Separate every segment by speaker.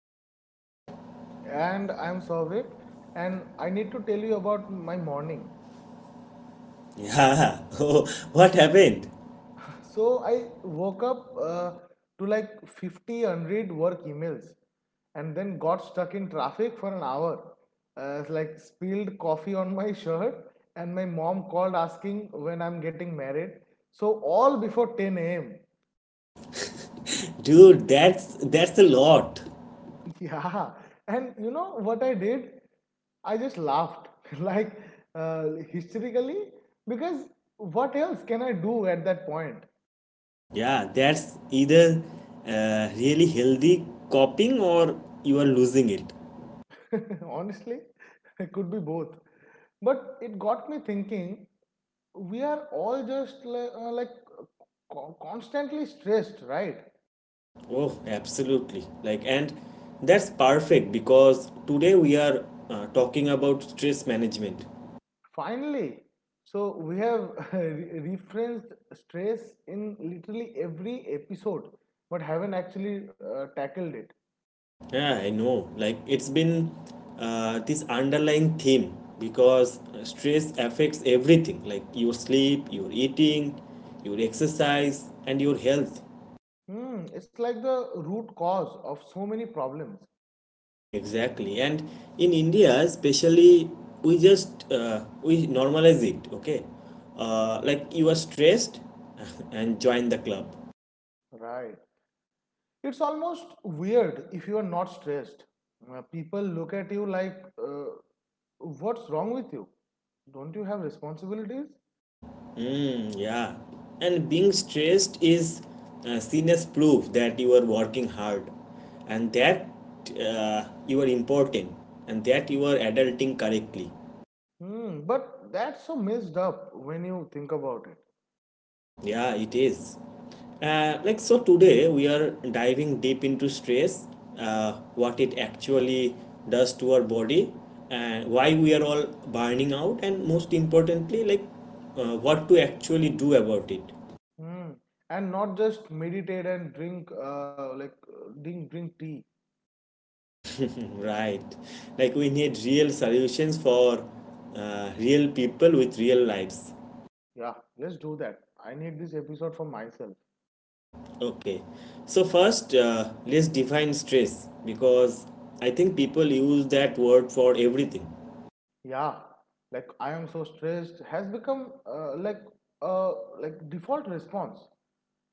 Speaker 1: Biraj.
Speaker 2: And I'm Souvik, and I need to tell you about my morning.
Speaker 1: Yeah, oh, what happened?
Speaker 2: So I woke up to like 50 unread work emails, and then got stuck in traffic for an hour. It's like spilled coffee on my shirt, and my mom called asking when I'm getting married. So all before 10 a.m.
Speaker 1: Dude, that's a lot.
Speaker 2: Yeah, and you know what I did? I just laughed like uh, hysterically because what else can I do at that point?
Speaker 1: Yeah, that's either really healthy copying or you are losing it.
Speaker 2: Honestly, it could be both. But it got me thinking we are all just like constantly stressed, right?
Speaker 1: Oh, absolutely. Like and that's perfect because today we are talking about stress management.
Speaker 2: Finally, so we have referenced stress in literally every episode, but haven't actually tackled it.
Speaker 1: Yeah, I know. Like it's been this underlying theme because stress affects everything like your sleep, your eating, your exercise, and your health.
Speaker 2: Hmm, it's like the root cause of so many problems.
Speaker 1: Exactly. And in India, especially, we just we normalize it. Okay, like you are stressed, and join the club.
Speaker 2: Right. It's almost weird if you are not stressed. People look at you like, what's wrong with you? Don't you have responsibilities?
Speaker 1: Mm, yeah, and being stressed is seen as proof that you are working hard and that you are important and that you are adulting correctly.
Speaker 2: Hmm, but that's so messed up when you think about it.
Speaker 1: Yeah, it is. So today we are diving deep into stress, what it actually does to our body, and why we are all burning out, and most importantly, what to actually do about it.
Speaker 2: Hmm. And not just meditate and drink tea.
Speaker 1: Right. Like we need real solutions for real people with real lives.
Speaker 2: Yeah, let's do that. I need this episode for myself.
Speaker 1: Okay. So first, let's define stress because I think people use that word for everything.
Speaker 2: Yeah, like I am so stressed has become uh, like default response.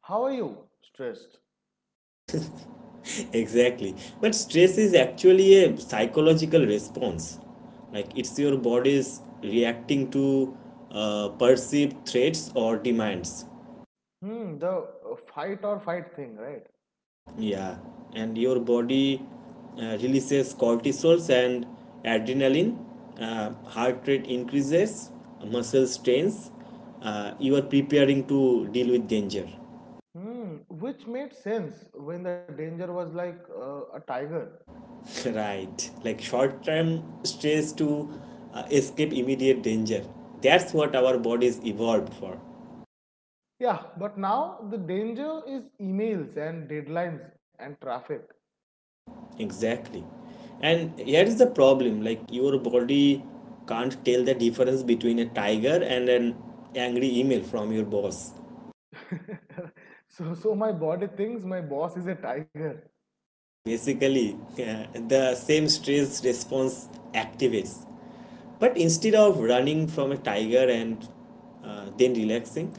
Speaker 2: How are you? Stressed.
Speaker 1: Exactly. But stress is actually a psychological response. Like it's your body's reacting to perceived threats or demands.
Speaker 2: Hmm, the fight or fight thing, right?
Speaker 1: Yeah, and your body releases cortisols and adrenaline. Heart rate increases, muscle strains. You are preparing to deal with danger,
Speaker 2: Hmm, which made sense when the danger was like a tiger.
Speaker 1: right? Like short-term stress to escape immediate danger. That's what our bodies evolved for.
Speaker 2: Yeah, but now the danger is emails and deadlines and traffic.
Speaker 1: Exactly. And here is the problem like your body can't tell the difference between a tiger and an angry email from your boss.
Speaker 2: So my body thinks my boss is a tiger.
Speaker 1: Basically, the same stress response activates. But instead of running from a tiger and then relaxing,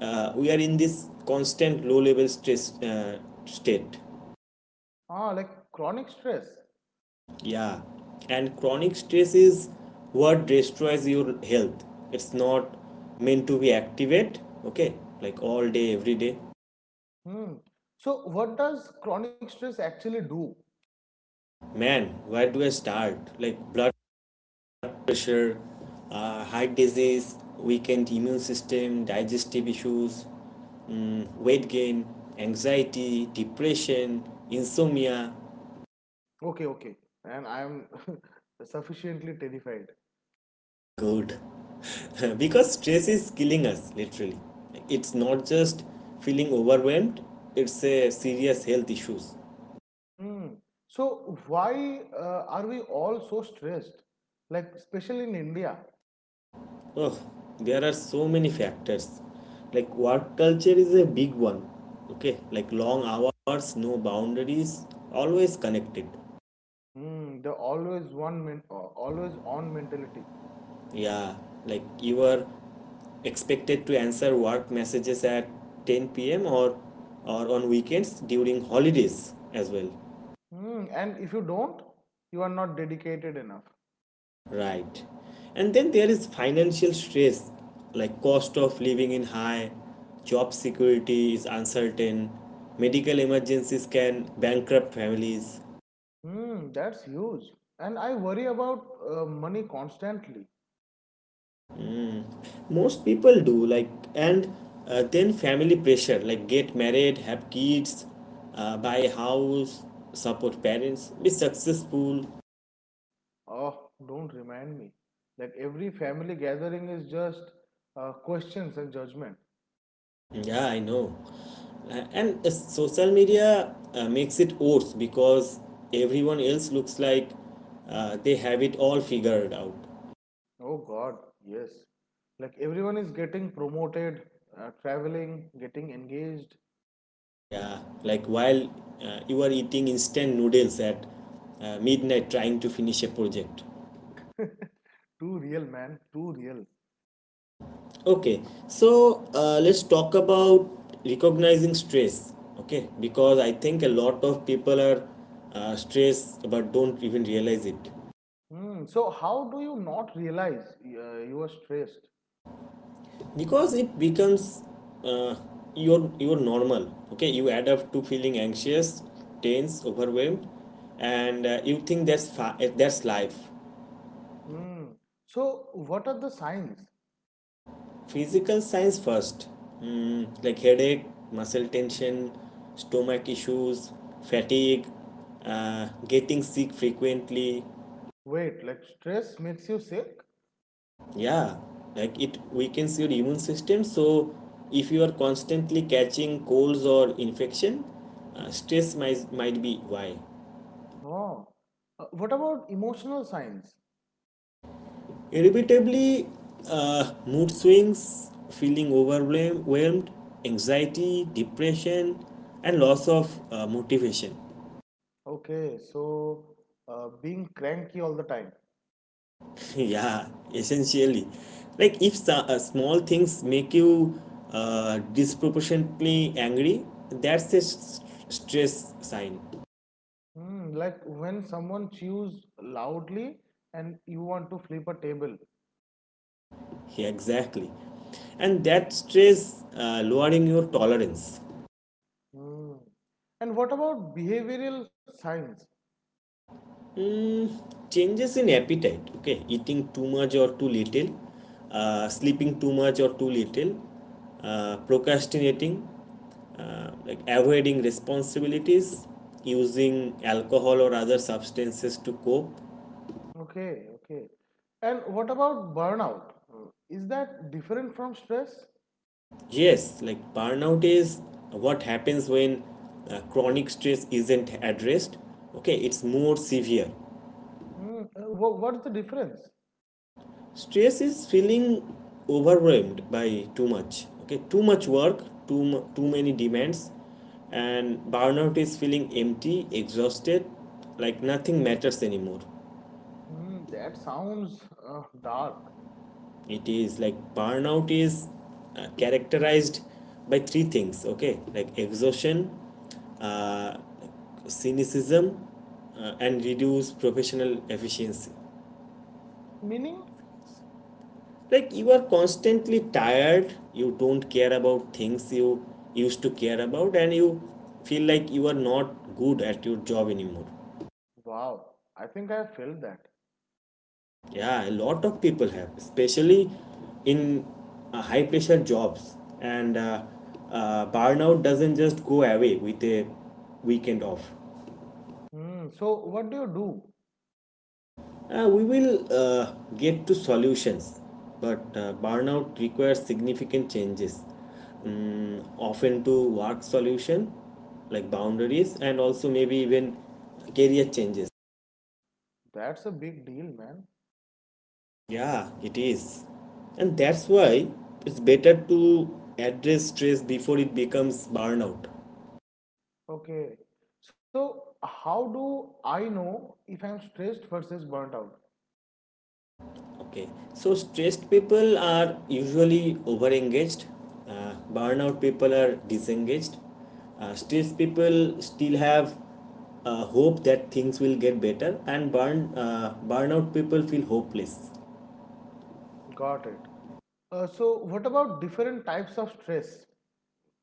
Speaker 1: we are in this constant low level stress state.
Speaker 2: Ah, like chronic stress.
Speaker 1: Yeah. And chronic stress is what destroys your health. It's not meant to be activate, okay? Like all day, every day.
Speaker 2: Hmm. So what does chronic stress actually do?
Speaker 1: Man, where do I start? Like Blood pressure, heart disease, weakened immune system, digestive issues, mm, weight gain, anxiety, depression, insomnia.
Speaker 2: Okay, okay. And I'm sufficiently terrified.
Speaker 1: Good. Because stress is killing us, literally. It's not just feeling overwhelmed, it's a serious health issues.
Speaker 2: Hmm. So why are we all so stressed? Like especially in India,
Speaker 1: Oh, there are so many factors. Like work culture is a big one. Okay, like long hours, no boundaries, always connected.
Speaker 2: hmm, the always on mentality.
Speaker 1: Yeah, like you are expected to answer work messages at 10 p.m. or on weekends during holidays as well.
Speaker 2: Hmm. And if you don't, you are not dedicated enough.
Speaker 1: Right. And then there is financial stress, like cost of living in high, job security is uncertain, medical emergencies can bankrupt families.
Speaker 2: Hmm. That's huge. And I worry about money constantly.
Speaker 1: Most people do like and then family pressure like get married have kids buy a house support parents be successful.
Speaker 2: Oh, don't remind me. Like every family gathering is just questions and judgment.
Speaker 1: Yeah, I know. And Social media makes it worse because everyone else looks like they have it all figured out.
Speaker 2: Oh God, yes. Like everyone is getting promoted, traveling, getting engaged.
Speaker 1: Yeah, like while you are eating instant noodles at midnight trying to finish a project.
Speaker 2: Too real, man. Too real.
Speaker 1: Okay, so let's talk about recognizing stress. Okay, because I think a lot of people are stressed but don't even realize it
Speaker 2: Hmm. So how do you not realize you are stressed?
Speaker 1: because it becomes uh, your normal. Okay, you adapt to feeling anxious, tense, overwhelmed, and you think that's life.
Speaker 2: Hmm. So what are the signs?
Speaker 1: Physical signs first, mm, like headache, muscle tension, stomach issues, fatigue, getting sick frequently.
Speaker 2: Wait, like stress makes you sick?
Speaker 1: Yeah, like it weakens your immune system. So, if you are constantly catching colds or infection, stress might be why.
Speaker 2: Oh. What about emotional signs?
Speaker 1: Irritably, mood swings, feeling overwhelmed, anxiety, depression, and loss of motivation.
Speaker 2: Okay, so being cranky all the time.
Speaker 1: Yeah, essentially, like if small things make you disproportionately angry, that's a s- stress sign.
Speaker 2: Hmm. Like when someone chews loudly and you want to flip a table.
Speaker 1: Yeah, exactly, and that stress lowering your tolerance.
Speaker 2: Mm. And what about behavioral science?
Speaker 1: Changes in appetite, okay, eating too much or too little, sleeping too much or too little, procrastinating, like avoiding responsibilities, using alcohol or other substances to cope.
Speaker 2: Okay, okay. And what about burnout? Mm. Is that different from stress?
Speaker 1: Yes, like burnout is what happens when chronic stress isn't addressed. Okay, it's more severe.
Speaker 2: Mm. What's the difference?
Speaker 1: Stress is feeling overwhelmed by too much. Okay, too much work, too many demands, and burnout is feeling empty, exhausted, like nothing matters anymore.
Speaker 2: Mm. That sounds dark.
Speaker 1: It is, like burnout is characterized by three things, okay, like exhaustion, uh, cynicism, and reduced professional efficiency.
Speaker 2: Meaning?
Speaker 1: Like you are constantly tired, you don't care about things you used to care about, and you feel like you are not good at your job anymore.
Speaker 2: Wow, I think I felt that.
Speaker 1: Yeah, a lot of people have, especially in high pressure jobs. And burnout doesn't just go away with a weekend off.
Speaker 2: Mm. So, what do you do?
Speaker 1: We will get to solutions, but burnout requires significant changes, mm, often to work solution like boundaries and also maybe even career changes.
Speaker 2: That's a big deal, man.
Speaker 1: Yeah, it is. And that's why it's better to address stress before it becomes burnout.
Speaker 2: Okay. So, how do I know if I'm stressed versus burnt out?
Speaker 1: Okay, so stressed people are usually overengaged, burnout people are disengaged, stressed people still have hope that things will get better, and burnout people feel hopeless.
Speaker 2: Got it. So, what about different types of stress?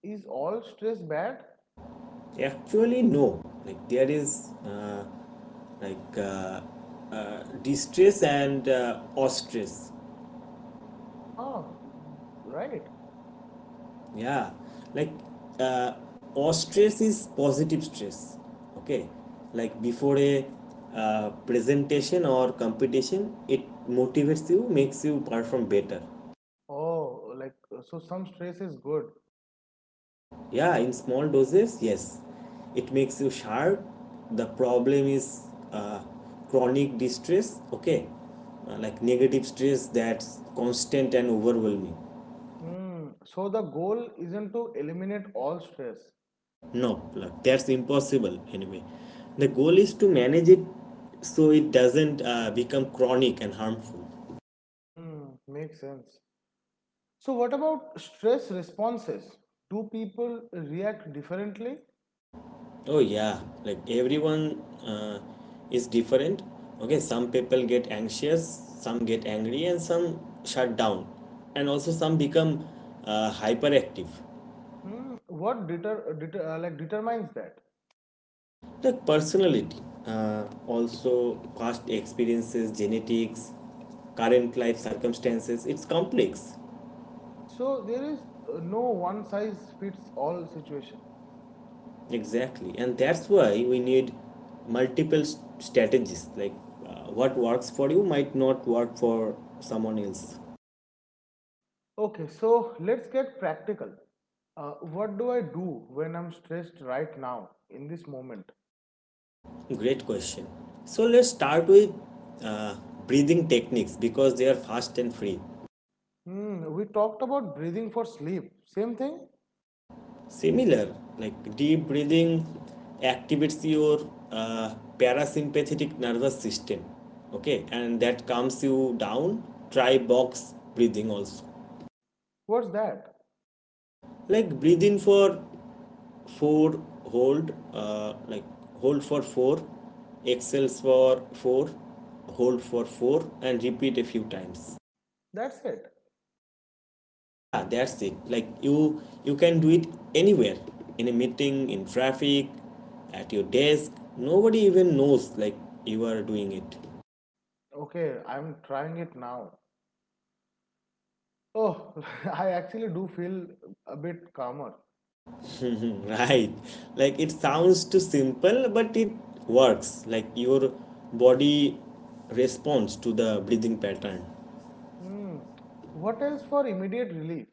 Speaker 2: Is all stress bad?
Speaker 1: Actually, no, like there is. Like uh, Distress and ostress.
Speaker 2: Ah, right.
Speaker 1: Yeah, like uh, or stress is positive stress, okay, like before a presentation or competition, it motivates you, makes you perform better.
Speaker 2: Oh, like so some stress is good.
Speaker 1: Yeah, in small doses, yes, it makes you sharp. The problem is uh, chronic distress, okay. Like negative stress that's constant and overwhelming.
Speaker 2: Hmm. So the goal isn't to eliminate all stress.
Speaker 1: No, like, that's impossible anyway. The goal is to manage it so it doesn't become chronic and harmful.
Speaker 2: Hmm. Makes sense. So what about stress responses? Do people react differently?
Speaker 1: Oh, yeah, like everyone is different. Okay, some people get anxious, some get angry, and some shut down, and also some become hyperactive.
Speaker 2: Hmm. What determines that?
Speaker 1: Like personality, also past experiences, genetics, current life circumstances, it's complex.
Speaker 2: So there is no one size fits all situation.
Speaker 1: Exactly, and that's why we need strategies. Like what works for you might not work for someone else.
Speaker 2: Okay, so let's get practical. What do I do when I'm stressed right now in this moment?
Speaker 1: Great question. So let's start with uh, breathing techniques because they are fast and free.
Speaker 2: Hmm, we talked about breathing for sleep. Same thing?
Speaker 1: Similar, like deep breathing activates your parasympathetic nervous system. Okay, and that calms you down. Try box breathing also.
Speaker 2: What's that?
Speaker 1: Like breathe in for four, hold for four, exhale for four, hold for four, and repeat a few times.
Speaker 2: That's it.
Speaker 1: Yeah, that's it. Like you can do it anywhere, in a meeting, in traffic, at your desk, nobody even knows like you are doing it.
Speaker 2: Okay, I'm trying it now. Oh, I actually do feel a bit calmer.
Speaker 1: Right, like it sounds too simple but it works, like your body responds to the breathing pattern.
Speaker 2: Hmm, what else for immediate relief?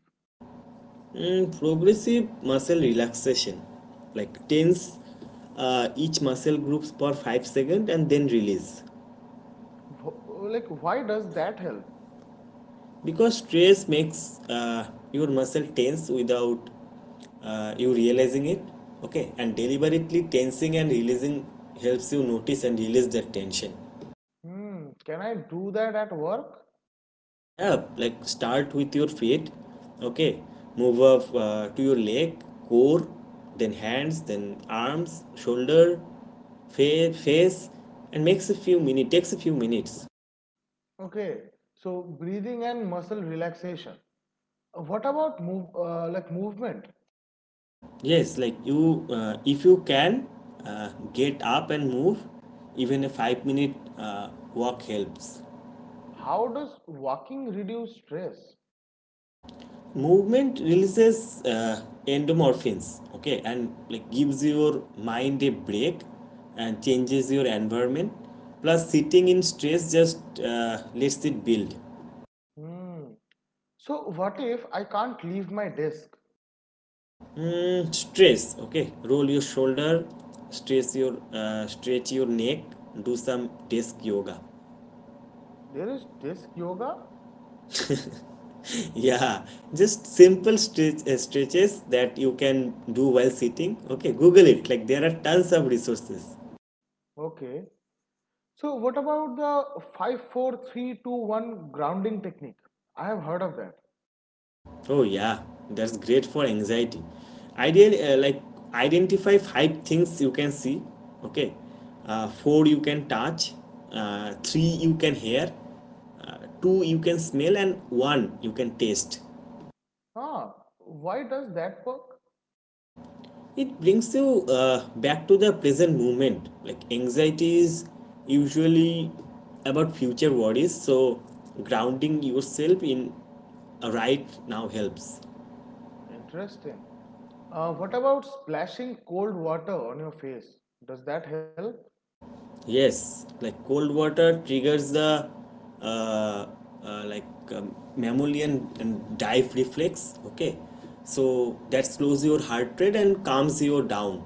Speaker 1: Mm, progressive muscle relaxation, like tense each muscle groups for 5 seconds and then release.
Speaker 2: Like, why does that help?
Speaker 1: Because stress makes your muscle tense without you realizing it, okay, and deliberately tensing and releasing helps you notice and release that tension.
Speaker 2: Hmm, can I do that at work?
Speaker 1: Yeah, like start with your feet, okay, move up to your leg, core, then hands, then arms, shoulder, face, and makes a few minute takes a few minutes.
Speaker 2: Okay, so breathing and muscle relaxation. What about movement?
Speaker 1: Yes, like you if you can get up and move, even a 5-minute minute walk helps.
Speaker 2: How does walking reduce stress?
Speaker 1: Movement releases endomorphins, okay, and like gives your mind a break and changes your environment, plus sitting in stress just lets it build.
Speaker 2: Hmm. So what if I can't leave my desk?
Speaker 1: Mm, stress, okay, roll your shoulder, stress your stretch your neck, do some desk yoga.
Speaker 2: There is desk yoga.
Speaker 1: Yeah, just simple stretches that you can do while sitting, okay, google it, like there are tons of resources.
Speaker 2: Okay. So what about the five, four, three, two, one grounding technique? I have heard of that.
Speaker 1: Oh yeah, that's great for anxiety. Ideally, identify five things you can see. Okay, four you can touch, three you can hear, two you can smell, and one you can taste.
Speaker 2: Ah, why does that work?
Speaker 1: It brings you back to the present moment. Like anxiety is usually about future worries, so grounding yourself in a right now helps.
Speaker 2: Interesting. What about splashing cold water on your face? Does that help?
Speaker 1: Yes, like cold water triggers the uh, uh, like mammalian and dive reflex. Okay, so that slows your heart rate and calms you down.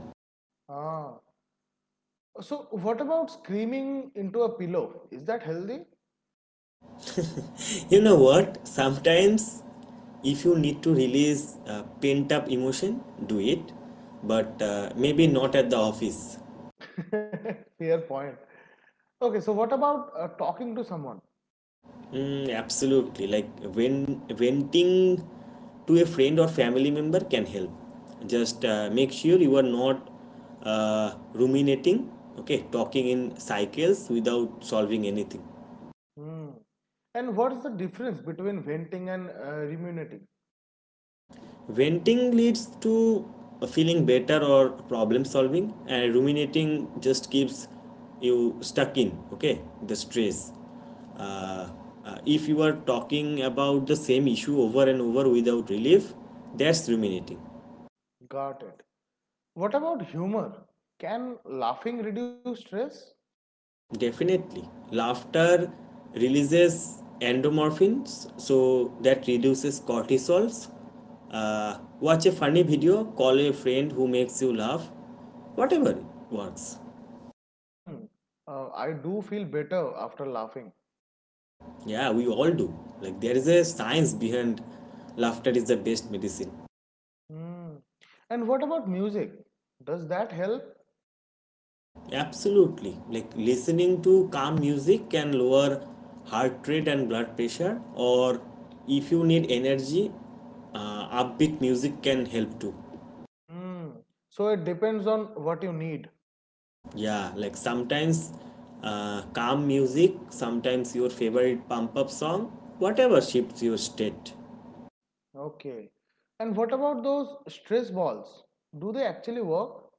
Speaker 2: Ah. So what about screaming into a pillow? Is that healthy?
Speaker 1: You know what? Sometimes, if you need to release pent up emotion, do it, but maybe not at the office.
Speaker 2: Fair point. Okay, so what about talking to someone?
Speaker 1: Mm, absolutely. Like when venting to a friend or family member can help. Just make sure you are not ruminating. Okay, talking in cycles without solving anything.
Speaker 2: Hmm. And what is the difference between venting and ruminating?
Speaker 1: Venting leads to feeling better or problem solving, and ruminating just keeps you stuck in. Okay, the stress. Uh, if you are talking about the same issue over and over without relief, that's ruminating.
Speaker 2: Got it. What about humor? Can laughing reduce stress?
Speaker 1: Definitely. Laughter releases endorphins, so that reduces cortisols. Watch a funny video, call a friend who makes you laugh. Whatever works.
Speaker 2: Hmm. I do feel better after laughing.
Speaker 1: Yeah, we all do. Like, there is a science behind laughter is the best medicine.
Speaker 2: Hmm. And what about music? Does that help?
Speaker 1: Absolutely. Like, listening to calm music can lower heart rate and blood pressure, or if you need energy, upbeat music can help too.
Speaker 2: Hmm. So it depends on what you need.
Speaker 1: Yeah, like sometimes calm music, sometimes your favorite pump up song, whatever shifts your state.
Speaker 2: Okay. And what about those stress balls? Do they actually work?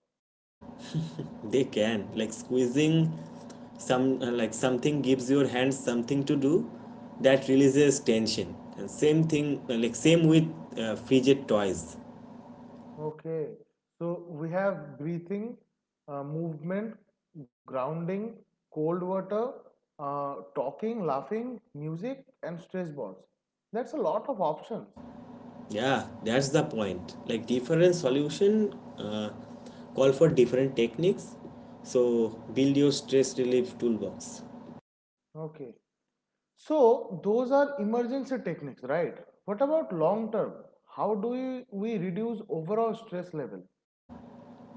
Speaker 1: They can, like squeezing some something gives your hands something to do that releases tension. And same thing same with fidget toys.
Speaker 2: Okay, so we have breathing, movement, grounding, cold water, talking, laughing, music, and stress balls. That's a lot of options.
Speaker 1: Yeah, that's the point. Like different solution call for different techniques. So build your stress relief toolbox.
Speaker 2: Okay, so those are emergency techniques, right? What about long term? How do we reduce overall stress level?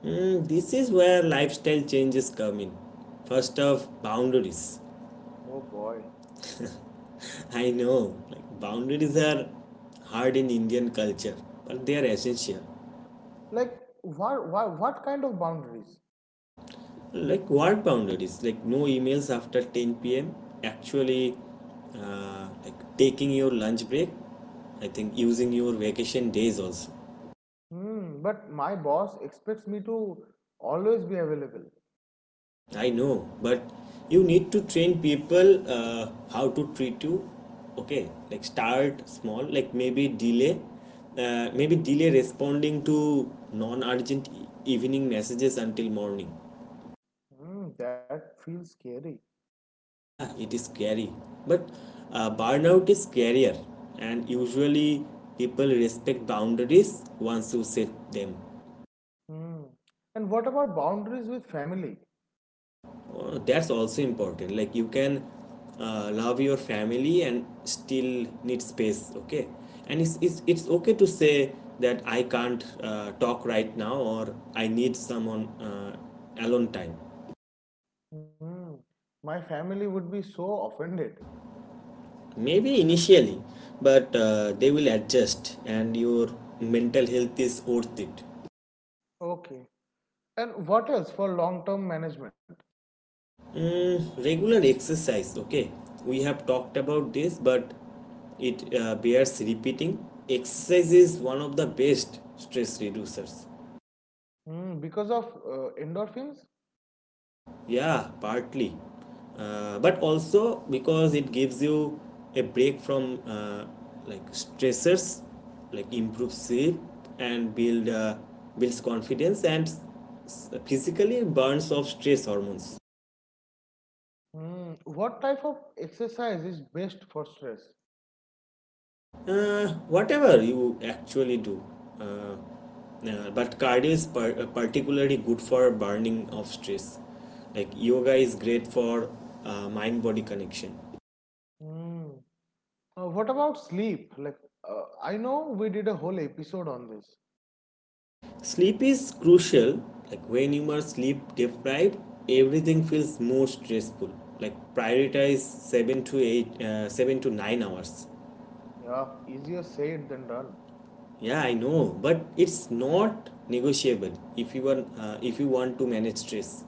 Speaker 1: Mm, this is where lifestyle changes come in. First off, boundaries.
Speaker 2: Oh boy.
Speaker 1: I know, like boundaries are hard in Indian culture, but they are essential.
Speaker 2: Like, what kind of boundaries?
Speaker 1: Like what boundaries? Like no emails after 10 p.m. Actually, like taking your lunch break. I think using your vacation days also.
Speaker 2: Hmm, but my boss expects me to always be available.
Speaker 1: I know, but you need to train people how to treat you. Okay, like start small, like maybe maybe delay responding to non urgent evening messages until morning.
Speaker 2: Mm, that feels scary.
Speaker 1: Yeah, it is scary, but burnout is scarier, and usually people respect boundaries once you set them.
Speaker 2: Mm. And what about boundaries with family?
Speaker 1: Oh, that's also important. Like you can love your family and still need space, okay? And it's okay to say that I can't talk right now or I need someone alone time.
Speaker 2: Mm. My family would be so offended.
Speaker 1: Maybe initially, but they will adjust and your mental health is worth it.
Speaker 2: Okay. And what else for long term management?
Speaker 1: Mm, regular exercise, okay. We have talked about this, but it bears repeating. Exercise is one of the best stress reducers.
Speaker 2: Mm. Because of endorphins?
Speaker 1: Yeah, partly. But also because it gives you a break from like stressors, like improves sleep and builds confidence and physically burns off stress hormones.
Speaker 2: Mm. What type of exercise is best for stress?
Speaker 1: Whatever you actually do. Uh, but cardio is particularly good for burning off stress. Like yoga is great for mind body connection.
Speaker 2: Mm. What about sleep? Like, I know we did a whole episode on this.
Speaker 1: Sleep is crucial. Like when you are sleep deprived, everything feels more stressful. Like prioritize 7 to 9 hours.
Speaker 2: Yeah, easier said than done.
Speaker 1: Yeah, I know, but it's not negotiable if you want to manage stress.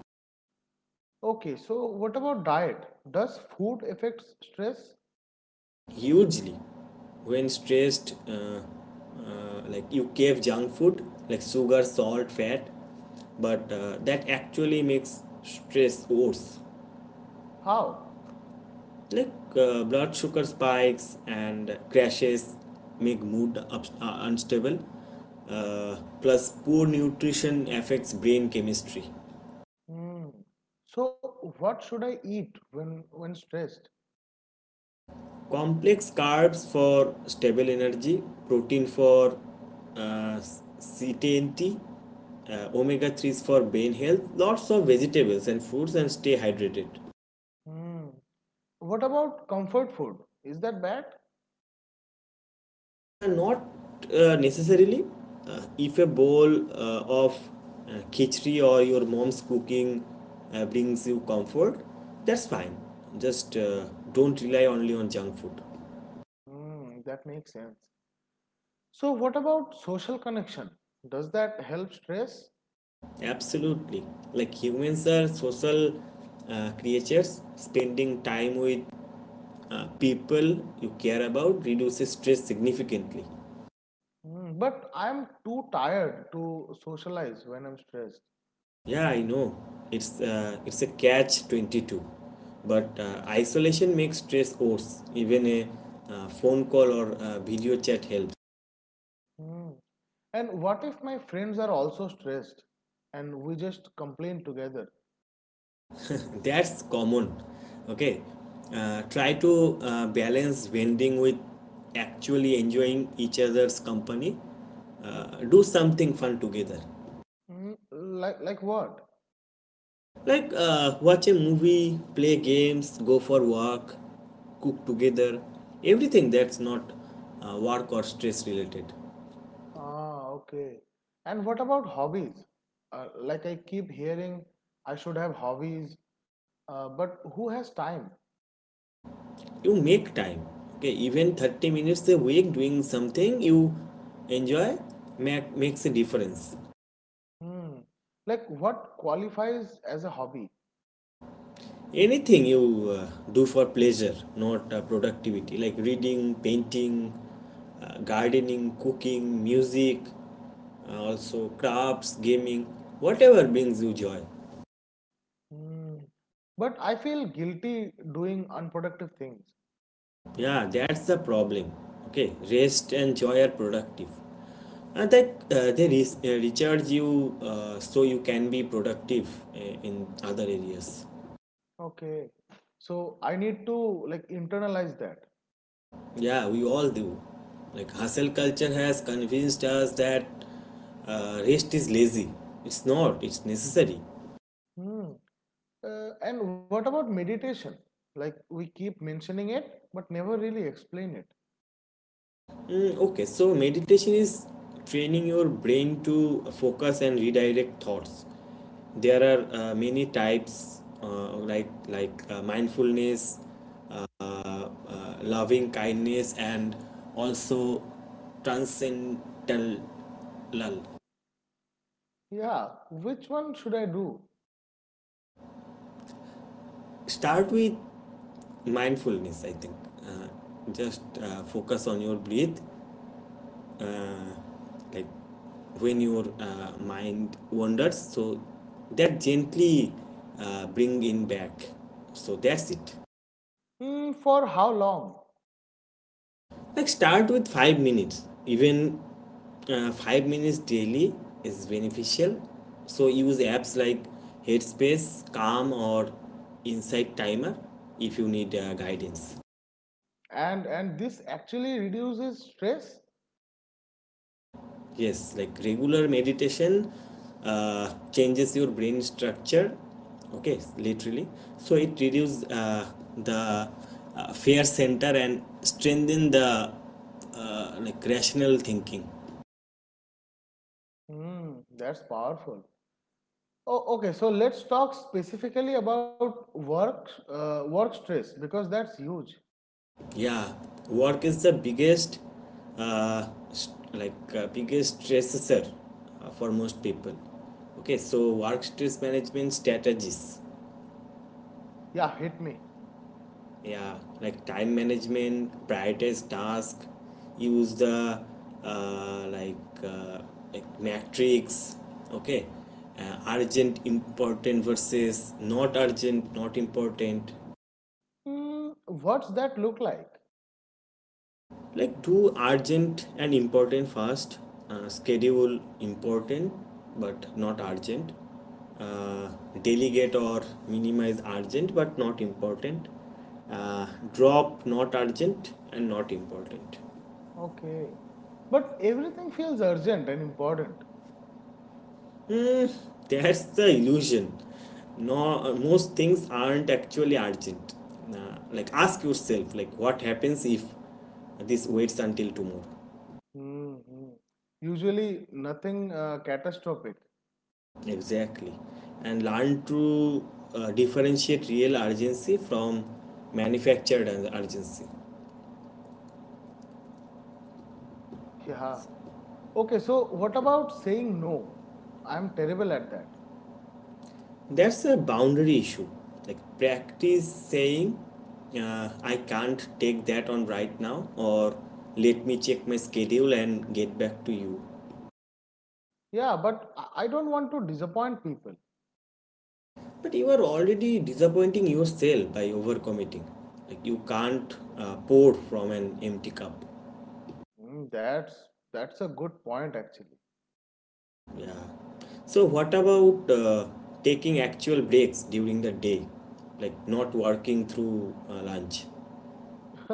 Speaker 2: Okay, so what about diet? Does food affect stress?
Speaker 1: Hugely when stressed, like you crave junk food like sugar salt fat but that actually makes stress worse.
Speaker 2: How?
Speaker 1: Like blood sugar spikes and crashes make mood unstable, plus poor nutrition affects brain chemistry.
Speaker 2: Mm. So, what should I eat when stressed?
Speaker 1: Complex carbs for stable energy, protein for uh, ctnt, omega 3s for brain health, lots of vegetables and fruits, and stay hydrated.
Speaker 2: Mm. What about comfort food? Is that bad?
Speaker 1: Not necessarily. If a bowl of khichdi or your mom's cooking brings you comfort, that's fine. Just don't rely only on junk food.
Speaker 2: Mm, that makes sense. So, what about social connection? Does that help stress?
Speaker 1: Absolutely. Like humans are social creatures. Spending time with people you care about reduces stress significantly.
Speaker 2: Mm, but I'm too tired to socialize when I'm stressed.
Speaker 1: Yeah, I know. It's a catch 22. But isolation makes stress worse. Even a phone call or video chat helps.
Speaker 2: Mm. And what if my friends are also stressed and we just complain together?
Speaker 1: That's common. Okay, try to balance vending with actually enjoying each other's company. Do something fun together.
Speaker 2: Mm, like what?
Speaker 1: Like watch a movie, play games, go for walk, cook together, everything that's not work or stress related.
Speaker 2: Ah, okay. And what about hobbies? Like I keep hearing I should have hobbies, but who has time?
Speaker 1: You make time, okay? Even 30 minutes a week doing something you enjoy makes a difference.
Speaker 2: Hmm. Like what qualifies as a hobby?
Speaker 1: Anything you do for pleasure, not productivity, like reading, painting, gardening, cooking, music, also crafts, gaming, whatever brings you joy.
Speaker 2: Hmm. But I feel guilty doing unproductive things.
Speaker 1: Yeah, that's the problem. Okay, rest and joy are productive. And that they re- recharge you so you can be productive in other areas.
Speaker 2: Okay. So I need to like internalize that.
Speaker 1: Yeah, we all do. Like, hustle culture has convinced us that rest is lazy. It's not, it's necessary.
Speaker 2: Hmm. And what about meditation? Like we keep mentioning it, but never really explain it.
Speaker 1: Mm, okay, so meditation is training your brain to focus and redirect thoughts. There are many types, like mindfulness, uh, uh, loving kindness, and also transcendental.
Speaker 2: Yeah. Which one should I do?
Speaker 1: Start with mindfulness I think. Uh, just uh, focus on your breath. uh, like when your mind wanders, so that gently bring in back. So that's it.
Speaker 2: Mm, for how long?
Speaker 1: Like start with 5 minutes. Even 5 minutes daily is beneficial. So use apps like Headspace, Calm, or Insight Timer if you need guidance.
Speaker 2: And this actually reduces stress?
Speaker 1: Yes, like regular meditation changes your brain structure. Okay, literally. So it reduces the fear center and strengthen the like rational thinking.
Speaker 2: Mm, that's powerful. Oh, okay. So let's talk specifically about work stress because that's huge.
Speaker 1: Yeah, work is the biggest biggest stressor for most people. Okay, so work stress management strategies.
Speaker 2: Yeah, hit me.
Speaker 1: Yeah, like time management, prioritize task. Use the uh, like, uh, matrix, okay? Urgent important versus not urgent not important.
Speaker 2: Mm, what's that look like?
Speaker 1: Like do urgent and important first. Schedule important but not urgent. uh, Delegate or minimize urgent but not important. uh, Drop not urgent and not important.
Speaker 2: Okay. But everything feels urgent and important.
Speaker 1: Hmm, that's the illusion. No, most things aren't actually urgent. Like ask yourself, like what happens if this waits until tomorrow?
Speaker 2: Hmm. Usually nothing catastrophic.
Speaker 1: Exactly, and learn to differentiate real urgency from manufactured urgency.
Speaker 2: Yeah. Okay. So what about saying no? I'm terrible at that.
Speaker 1: That's a boundary issue. Like practice saying, I can't take that on right now, or let me check my schedule and get back to you.
Speaker 2: Yeah, but I don't want to disappoint people.
Speaker 1: But you are already disappointing yourself by overcommitting. Like you can't pour from an empty cup.
Speaker 2: Mm, that's a good point actually.
Speaker 1: Yeah. So what about taking actual breaks during the day, like not working through lunch?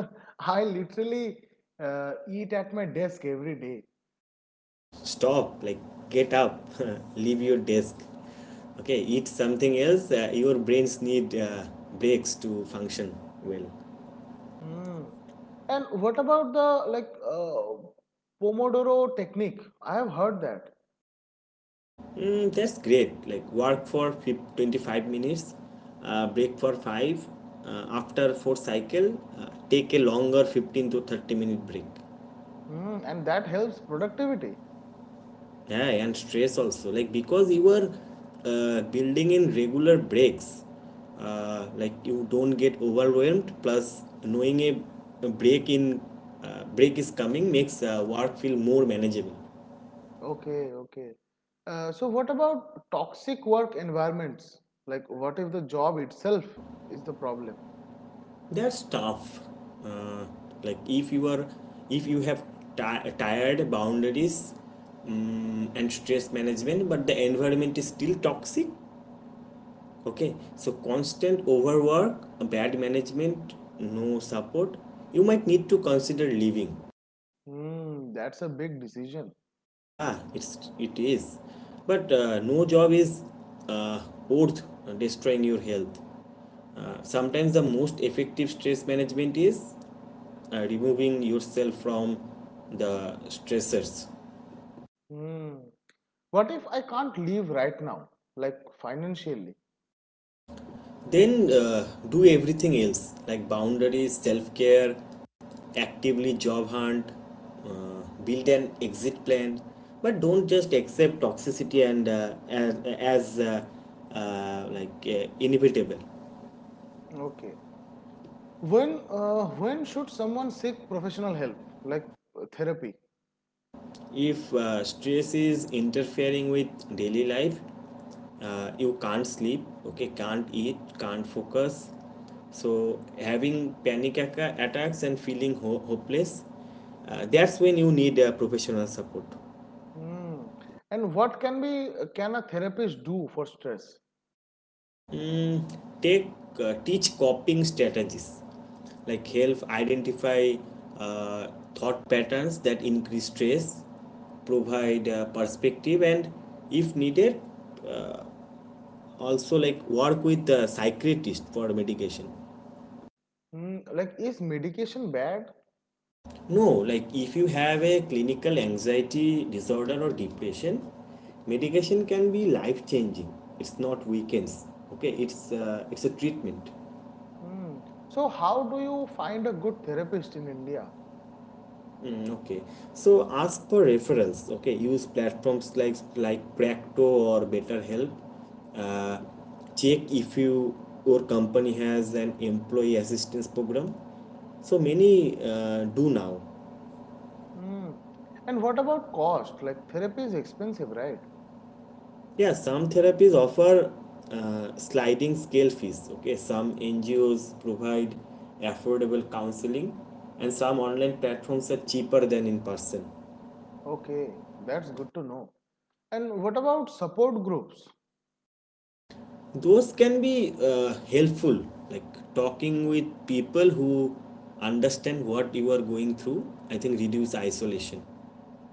Speaker 2: I literally uh, eat at my desk every day.
Speaker 1: Stop. Like get up, leave your desk. Okay, eat something else. Your brains need breaks to function well.
Speaker 2: Mm. And what about the like uh, Pomodoro technique? I have heard that.
Speaker 1: Mm, that's great. Like work for 25 minutes, break for 5. After 4 cycle, take a longer 15 to 30 minute break.
Speaker 2: Mm, and that helps productivity.
Speaker 1: Yeah, and stress also. Like because you are building in regular breaks, like you don't get overwhelmed. Plus, knowing a a break in break is coming makes work feel more manageable.
Speaker 2: Okay, okay. So what about toxic work environments? Like what if the job itself is the problem?
Speaker 1: That's tough. Uh, like if you have tired boundaries mm and stress management, but the environment is still toxic. Okay, so constant overwork, bad management, no support. You might need to consider leaving.
Speaker 2: Mm, that's a big decision.
Speaker 1: Yeah, it is, but no job is uh, worth destroying your health. Sometimes the most effective stress management is removing yourself from the stressors.
Speaker 2: Hmm. What if I can't leave right now like financially?
Speaker 1: Then do everything else like boundaries, self care, actively job hunt, build an exit plan, but don't just accept toxicity as inevitable.
Speaker 2: Okay, when when should someone seek professional help like therapy?
Speaker 1: If stress is interfering with daily life, you can't sleep, okay, can't eat, can't focus. So having panic attacks and feeling hopeless, that's when you need professional support.
Speaker 2: Hmm. And what can a therapist do for stress?
Speaker 1: Mm, take Teach coping strategies, like help identify uh, thought patterns that increase stress, provide perspective, and if needed, uh, also like work with the psychiatrist for medication.
Speaker 2: Hmm. Like is medication bad?
Speaker 1: No, like if you have a clinical anxiety disorder or depression, medication can be life changing. It's not weekends, okay? It's a treatment.
Speaker 2: Hmm. So how do you find a good therapist in India?
Speaker 1: Mm, okay, so ask for referrals, okay? Use platforms like Practo or BetterHelp. uh, Check if your company has an employee assistance program. So many do now.
Speaker 2: Hmm. And what about cost? Like therapy is expensive, right?
Speaker 1: Yeah, some therapies offer sliding scale fees. Okay, some NGOs provide affordable counseling, and some online platforms are cheaper than in person.
Speaker 2: Okay, that's good to know. And what about support groups?
Speaker 1: Those can be helpful, like talking with people who understand what you are going through. I think reduce isolation.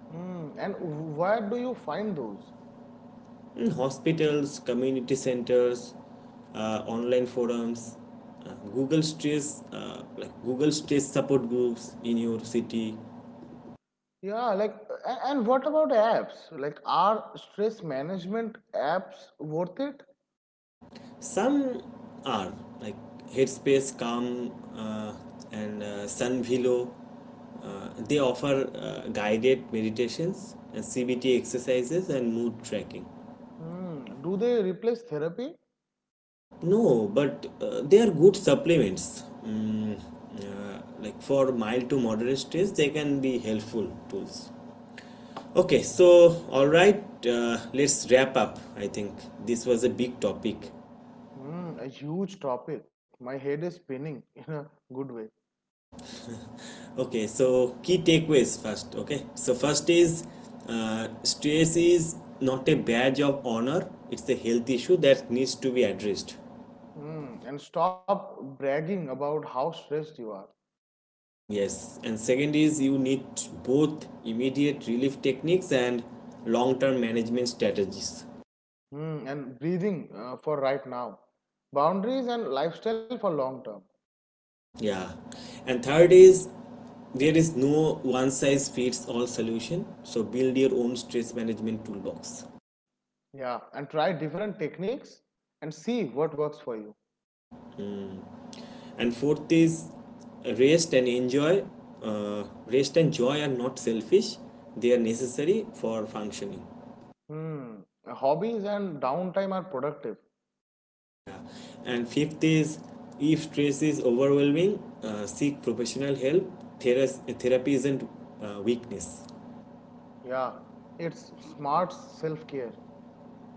Speaker 2: Mm, and where do you find those?
Speaker 1: In hospitals, community centers, online forums, Google stress support groups in your city.
Speaker 2: Yeah, like, and what about apps? Like, are stress management apps worth it?
Speaker 1: Some are like Headspace, Calm, and Sunvilo. They offer guided meditations and CBT exercises and mood tracking.
Speaker 2: Mm, do they replace therapy?
Speaker 1: No, but they are good supplements. Like for mild to moderate stress, they can be helpful tools. Okay, so all right, let's wrap up. I think this was a big topic.
Speaker 2: Mm, a huge topic. My head is spinning in a good way.
Speaker 1: Okay, so key takeaways first. Okay, so first is stress is not a badge of honor, it's a health issue that needs to be addressed.
Speaker 2: Mm, and stop bragging about how stressed you are.
Speaker 1: Yes, and second is you need both immediate relief techniques and long term management strategies.
Speaker 2: Mm, and breathing for right now. Boundaries and lifestyle for long term.
Speaker 1: Yeah, and third is there is no one size fits all solution, so build your own stress management toolbox.
Speaker 2: Yeah, and try different techniques and see what works for you.
Speaker 1: And fourth is rest and enjoy. Rest and joy are not selfish, they are necessary for functioning.
Speaker 2: Hmm. Hobbies and downtime are productive.
Speaker 1: Yeah. And fifth is if stress is overwhelming, seek professional help. Therapy isn't weakness.
Speaker 2: Yeah, it's smart self care.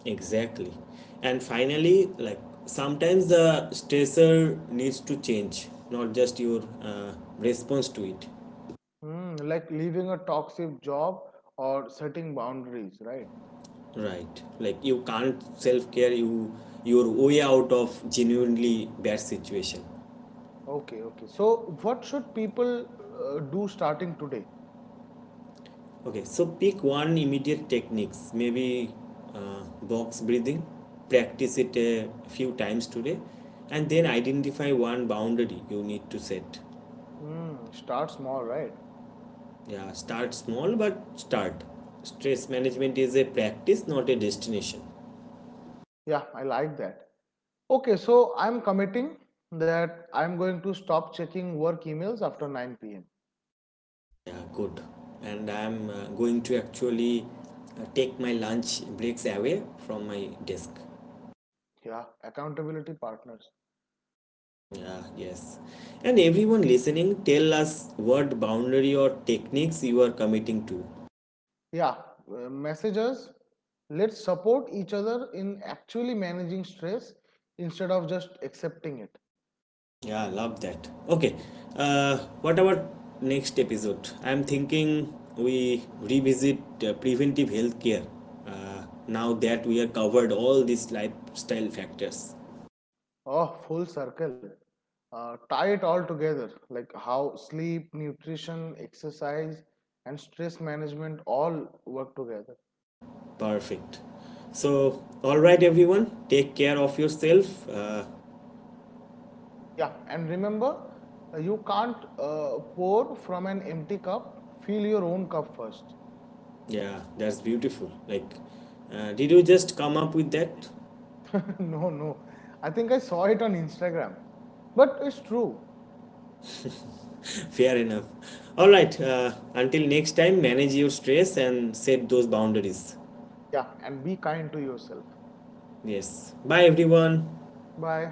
Speaker 1: Exactly. And finally, like sometimes the stressor needs to change, not just your response to it.
Speaker 2: Hmm. Like leaving a toxic job or setting boundaries, right?
Speaker 1: Right. Like you can't self care your way out of genuinely bad situation.
Speaker 2: Okay, okay. So, what should people do starting today?
Speaker 1: Okay, so pick one immediate techniques, maybe box breathing, practice it a few times today, and then identify one boundary you need to set.
Speaker 2: Hmm. Start small, right?
Speaker 1: Yeah, start small but start. Stress management is a practice, not a destination.
Speaker 2: Yeah, I like that. Okay, so I'm committing that I'm going to stop checking work emails after 9 p.m.
Speaker 1: Yeah, good. And I'm going to actually take my lunch breaks away from my desk.
Speaker 2: Yeah, accountability partners.
Speaker 1: Yeah, yes. And everyone listening, tell us what boundary or techniques you are committing to.
Speaker 2: Yeah, messages. Let's support each other in actually managing stress instead of just accepting it.
Speaker 1: Yeah, love that. Okay, what about next episode? I'm thinking we revisit preventive healthcare care now that we are covered all these lifestyle factors.
Speaker 2: Oh, full circle. Tie it all together like how sleep, nutrition, exercise, and stress management all work together.
Speaker 1: Perfect. So, all right, everyone, take care of yourself.
Speaker 2: Yeah, and remember, you can't pour from an empty cup. Fill your own cup first.
Speaker 1: Yeah, that's beautiful. Like, did you just come up with that?
Speaker 2: No, no. I think I saw it on Instagram. But it's true.
Speaker 1: Fair enough. All right. Until next time, manage your stress and set those boundaries.
Speaker 2: Yeah, and be kind to yourself.
Speaker 1: Yes. Bye, everyone.
Speaker 2: Bye.